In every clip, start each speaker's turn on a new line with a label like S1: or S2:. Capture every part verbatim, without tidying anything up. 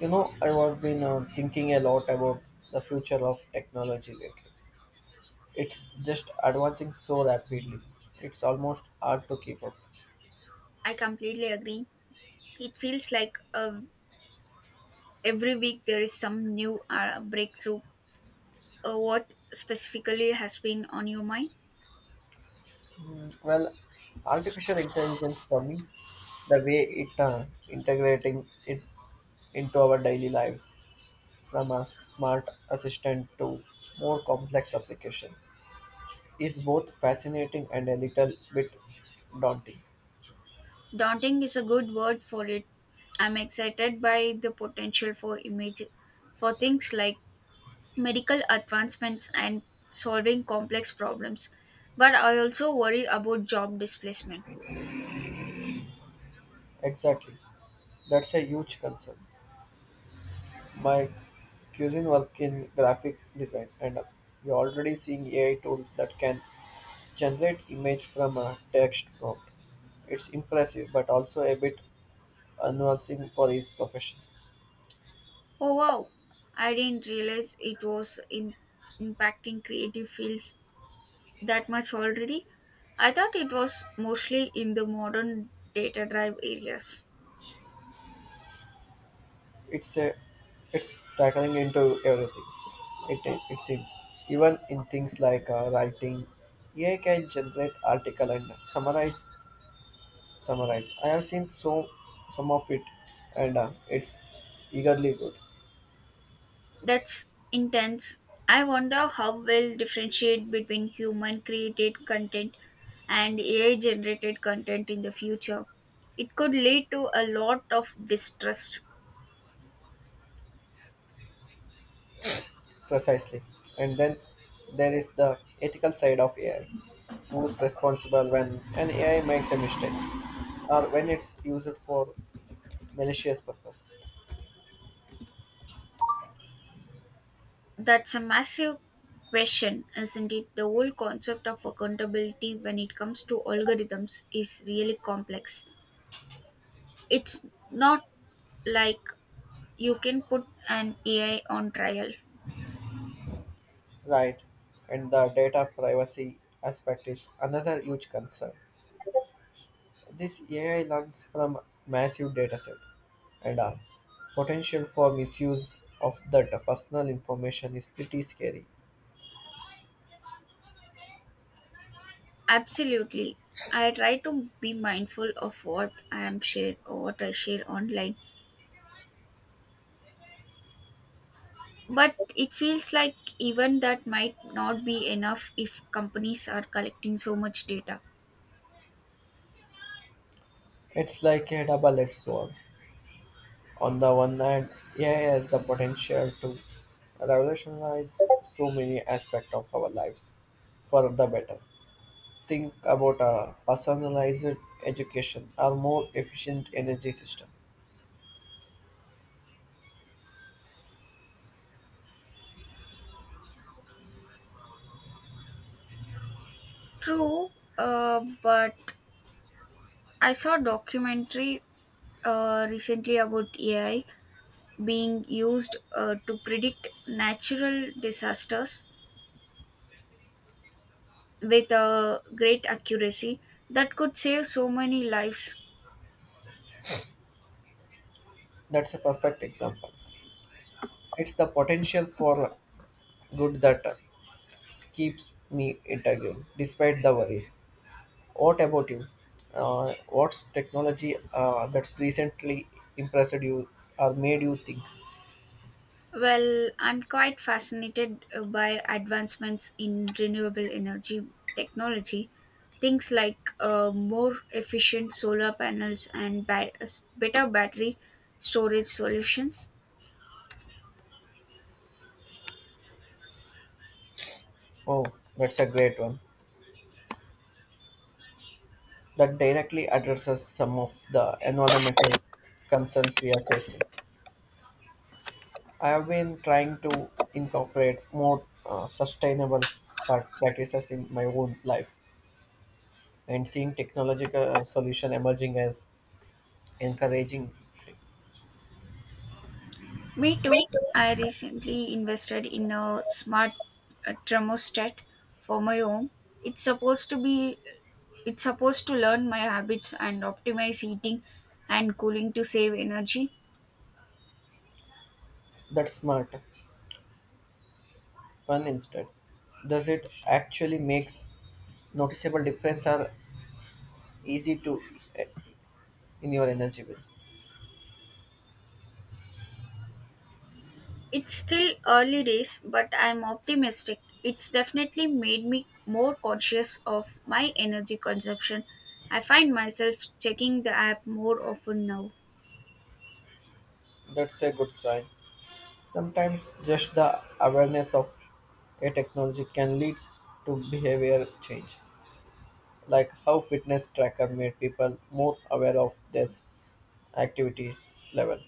S1: You know, I was been uh, thinking a lot about the future of technology lately. It's just advancing so rapidly. It's almost hard to keep up.
S2: I completely agree. It feels like uh, every week there is some new uh, breakthrough. Uh, what specifically has been on your mind?
S1: Mm, Well, artificial intelligence for me, the way it uh, integrating it into our daily lives, from a smart assistant to more complex application, is both fascinating and a little bit daunting.
S2: Daunting is a good word for it. I'm excited by the potential for image for things like medical advancements and solving complex problems. But I also worry about job displacement.
S1: Exactly, that's a huge concern. My cousin work in graphic design, and we're already seeing A I tools that can generate image from a text prompt. It's impressive, but also a bit unnerving for his profession.
S2: Oh wow, I didn't realize it was im- impacting creative fields that much already. I thought it was mostly in the modern data drive areas.
S1: It's a it's tackling into everything. It it seems even in things like uh, writing, A I can generate article and summarize summarize. I have seen so some of it, and uh, it's eagerly good.
S2: That's intense. I wonder how well differentiate between human created content and A I generated content in the future. It could lead to a lot of distrust.
S1: Precisely. And then there is the ethical side of A I. Who's responsible when an A I makes a mistake or when it's used for malicious purpose?
S2: That's a massive question, isn't it? The whole concept of accountability when it comes to algorithms is really complex. It's not like you can put an A I on trial.
S1: Right. And the data privacy aspect is another huge concern. This A I learns from massive dataset and uh, potential for misuse of that personal information is pretty scary.
S2: Absolutely. I try to be mindful of what I am share or what I share online. But it feels like even that might not be enough if companies are collecting so much data.
S1: It's like a double-edged sword. On the one hand, A I has the potential to revolutionize so many aspects of our lives for the better. Think about a personalized education or more efficient energy system.
S2: True, uh, but I saw a documentary uh, recently about A I being used uh, to predict natural disasters with a great accuracy that could save so many lives.
S1: That's a perfect example. It's the potential for good that keeps me intrigued despite the worries. What about you? Uh, what's technology uh, that's recently impressed you or made you think,
S2: Well, I'm quite fascinated uh, by advancements in renewable energy technology. Things like uh, more efficient solar panels and bat- better battery storage solutions.
S1: oh, that's a great one? That directly addresses some of the environmental concerns we are facing. I have been trying to incorporate more uh, sustainable pra- practices in my own life and seeing technological uh, solution emerging as encouraging
S2: Me too. I recently invested in a smart uh, thermostat for my home. It's supposed to be it's supposed to learn my habits and optimize heating and cooling to save energy.
S1: that smart fun instead. Does it actually makes noticeable difference or easy to eh, in your energy bills?
S2: It's still early days, but I'm optimistic. It's definitely made me more conscious of my energy consumption. I find myself checking the app more often now.
S1: That's a good sign. Sometimes just the awareness of a technology can lead to behavioral change, like how fitness tracker made people more aware of their activities level.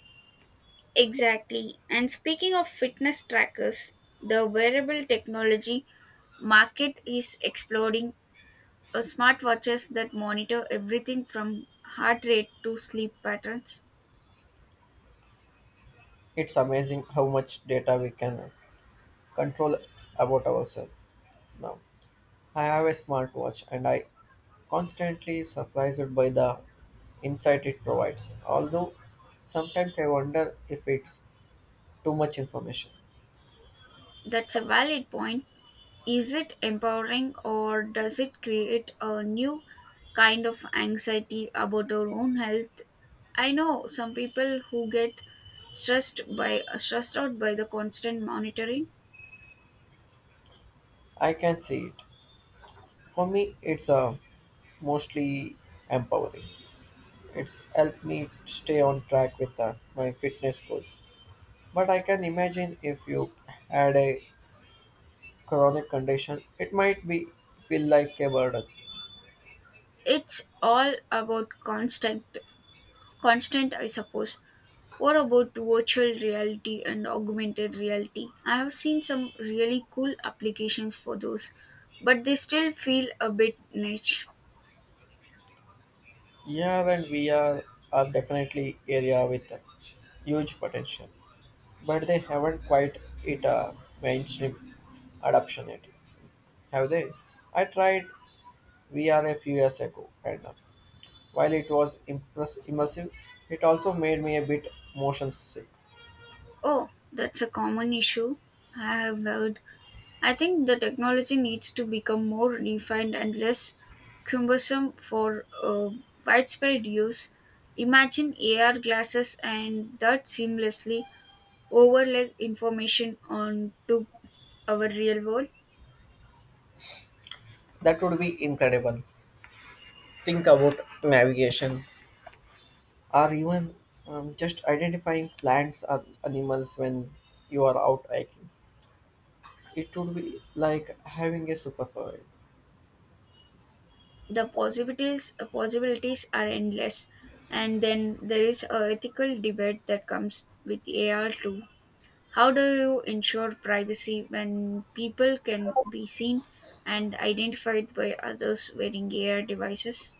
S2: Exactly. And speaking of fitness trackers, the wearable technology market is exploding. Uh, Smartwatches that monitor everything from heart rate to sleep patterns.
S1: It's amazing how much data we can control about ourselves now. I have a smartwatch and I constantly surprised by the insight it provides. Although sometimes I wonder if it's too much information.
S2: That's a valid point. Is it empowering or does it create a new kind of anxiety about our own health? I know some people who get stressed by stressed out by the constant monitoring.
S1: I can see it. For me, it's a mostly empowering. It's helped me stay on track with uh, my fitness goals. But I can imagine if you had a chronic condition, it might be feel like a burden.
S2: It's all about constant constant I suppose. What about virtual reality and augmented reality? I have seen some really cool applications for those, but they still feel a bit niche.
S1: Yeah, and we are are definitely area with uh, huge potential, but they haven't quite it uh, mainstream adoption yet, have they? I tried V R a few years ago, and uh, while it was impress- immersive, it also made me a bit motion sick.
S2: Oh, that's a common issue. I have heard I think the technology needs to become more refined and less cumbersome for uh, widespread use. Imagine A R glasses and that seamlessly overlay information onto our real world.
S1: That would be incredible. Think about navigation or even um, just identifying plants or animals when you are out hiking. It would be like having a superpower.
S2: The possibilities uh, possibilities are endless, and then there is a ethical debate that comes with A R too. How do you ensure privacy when people can be seen and identified by others wearing A R devices?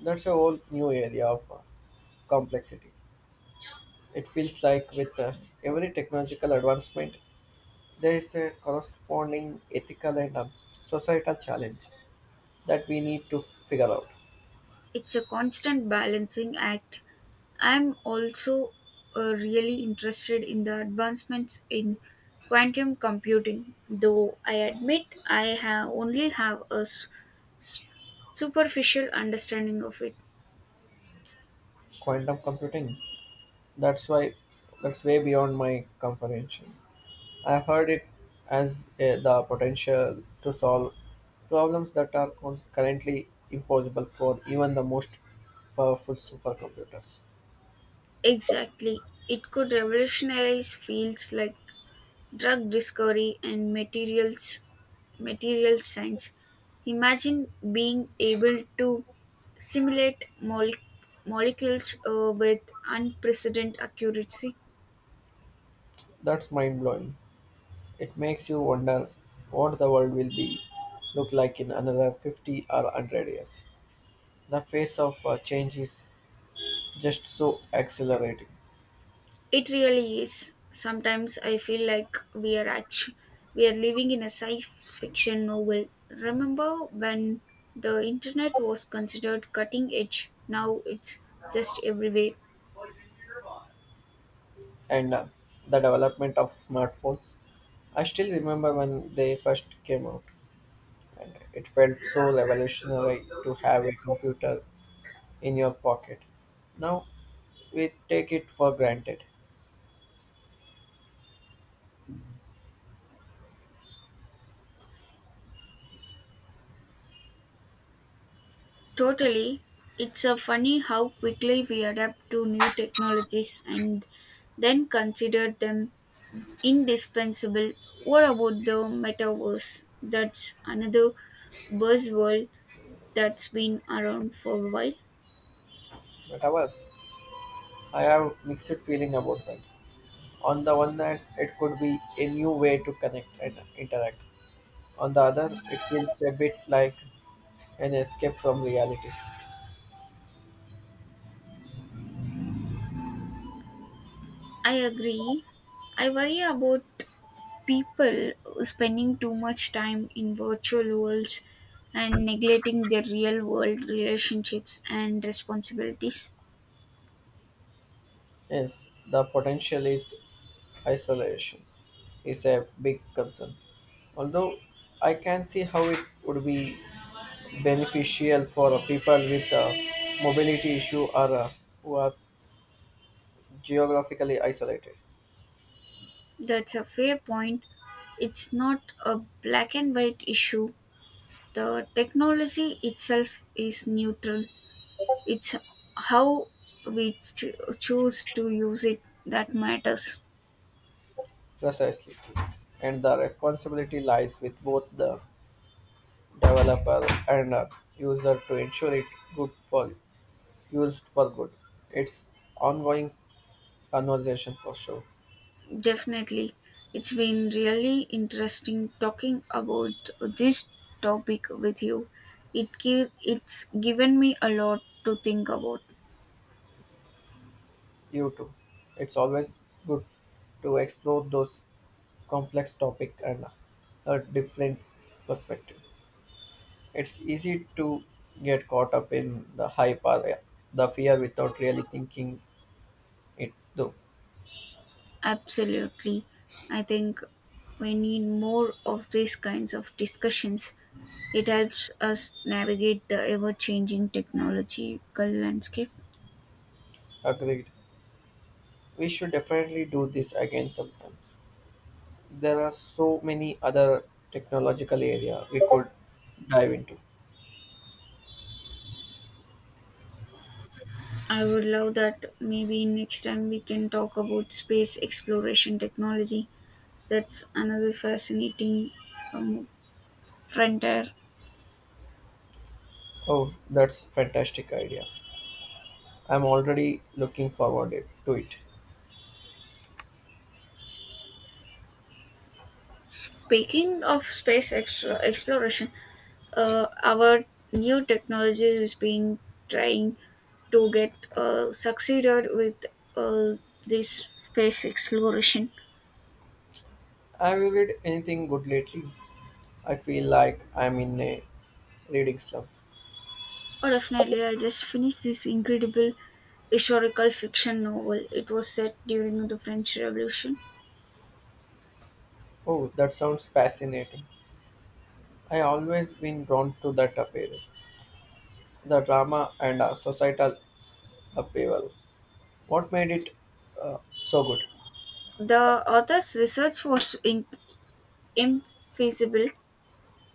S1: That's a whole new area of uh, complexity. It feels like with uh, every technological advancement, there is a corresponding ethical and um, societal challenge that we need to figure out.
S2: It's a constant balancing act. I'm also uh, really interested in the advancements in quantum computing, though I admit I have only have a s- s- superficial understanding of it.
S1: Quantum computing. That's why that's way beyond my comprehension. I've heard it as uh, the potential to solve problems that are cons- currently impossible for even the most powerful supercomputers.
S2: Exactly. It could revolutionize fields like drug discovery and materials materials science. Imagine being able to simulate mole- molecules uh, with unprecedented accuracy.
S1: That's mind blowing. It makes you wonder what the world will be look like in another fifty or one hundred years. The pace of uh, change is just so accelerating.
S2: It really is. Sometimes I feel like we are actually we are living in a science fiction novel. Remember when the internet was considered cutting edge? Now it's just everywhere.
S1: and uh, the development of smartphones. I still remember when they first came out, and it felt so revolutionary to have a computer in your pocket. Now we take it for granted,
S2: Totally. It's a funny how quickly we adapt to new technologies and then consider them indispensable. What about the metaverse? That's another buzzword that's been around for a while.
S1: but ours, I have mixed feeling about that. On the one hand, it could be a new way to connect and interact. On the other, it feels a bit like an escape from reality.
S2: I agree. I worry about people spending too much time in virtual worlds and neglecting their real world relationships and responsibilities.
S1: Yes, the potential is isolation is a big concern. Although I can see how it would be beneficial for uh, people with a mobility issue or uh, who are geographically isolated.
S2: That's a fair point. It's not a black and white issue. The technology itself is neutral. It's how we cho- choose to use it that matters.
S1: Precisely. And the responsibility lies with both the developer and uh, user to ensure it good for used for good. It's ongoing conversation for sure.
S2: Definitely. It's been really interesting talking about this topic with you. It gives it's given me a lot to think about.
S1: You too. It's always good to explore those complex topic and a different perspective. It's easy to get caught up in the hype or the fear without really thinking it though.
S2: Absolutely. I think we need more of these kinds of discussions. It helps us navigate the ever changing technological landscape.
S1: Agreed. We should definitely do this again sometimes. There are so many other technological area we could dive into.
S2: I would love that. Maybe next time we can talk about space exploration technology. That's another fascinating um, frontier.
S1: Oh, that's fantastic idea. I'm already looking forward it- to it.
S2: Speaking of space extra exploration, uh, our new technologies is being trying to get uh, succeeded with uh, this space exploration.
S1: Have you read anything good lately? I feel like I'm in a reading slump.
S2: Oh, definitely! I just finished this incredible historical fiction novel. It was set during the French Revolution.
S1: Oh, that sounds fascinating. I always been drawn to that appeal, the drama and uh, societal appeal. What made it uh, so good?
S2: The author's research was in- infeasible.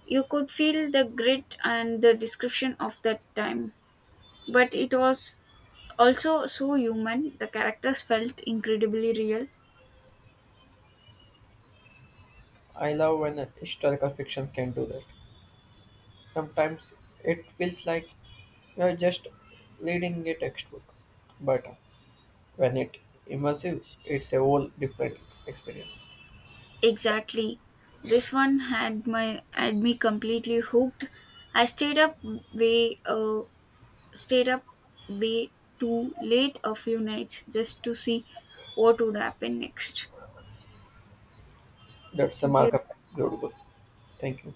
S2: You could feel the grit and the description of that time, but it was also so human. The characters felt incredibly real.
S1: I love when a historical fiction can do that. Sometimes it feels like you're just reading a textbook, but uh, when it immersive, it's a whole different experience.
S2: Exactly. This one had my had me completely hooked. I stayed up way uh, stayed up way too late a few nights just to see what would happen next.
S1: That's a
S2: Thank you.
S1: mark of good book. Thank you.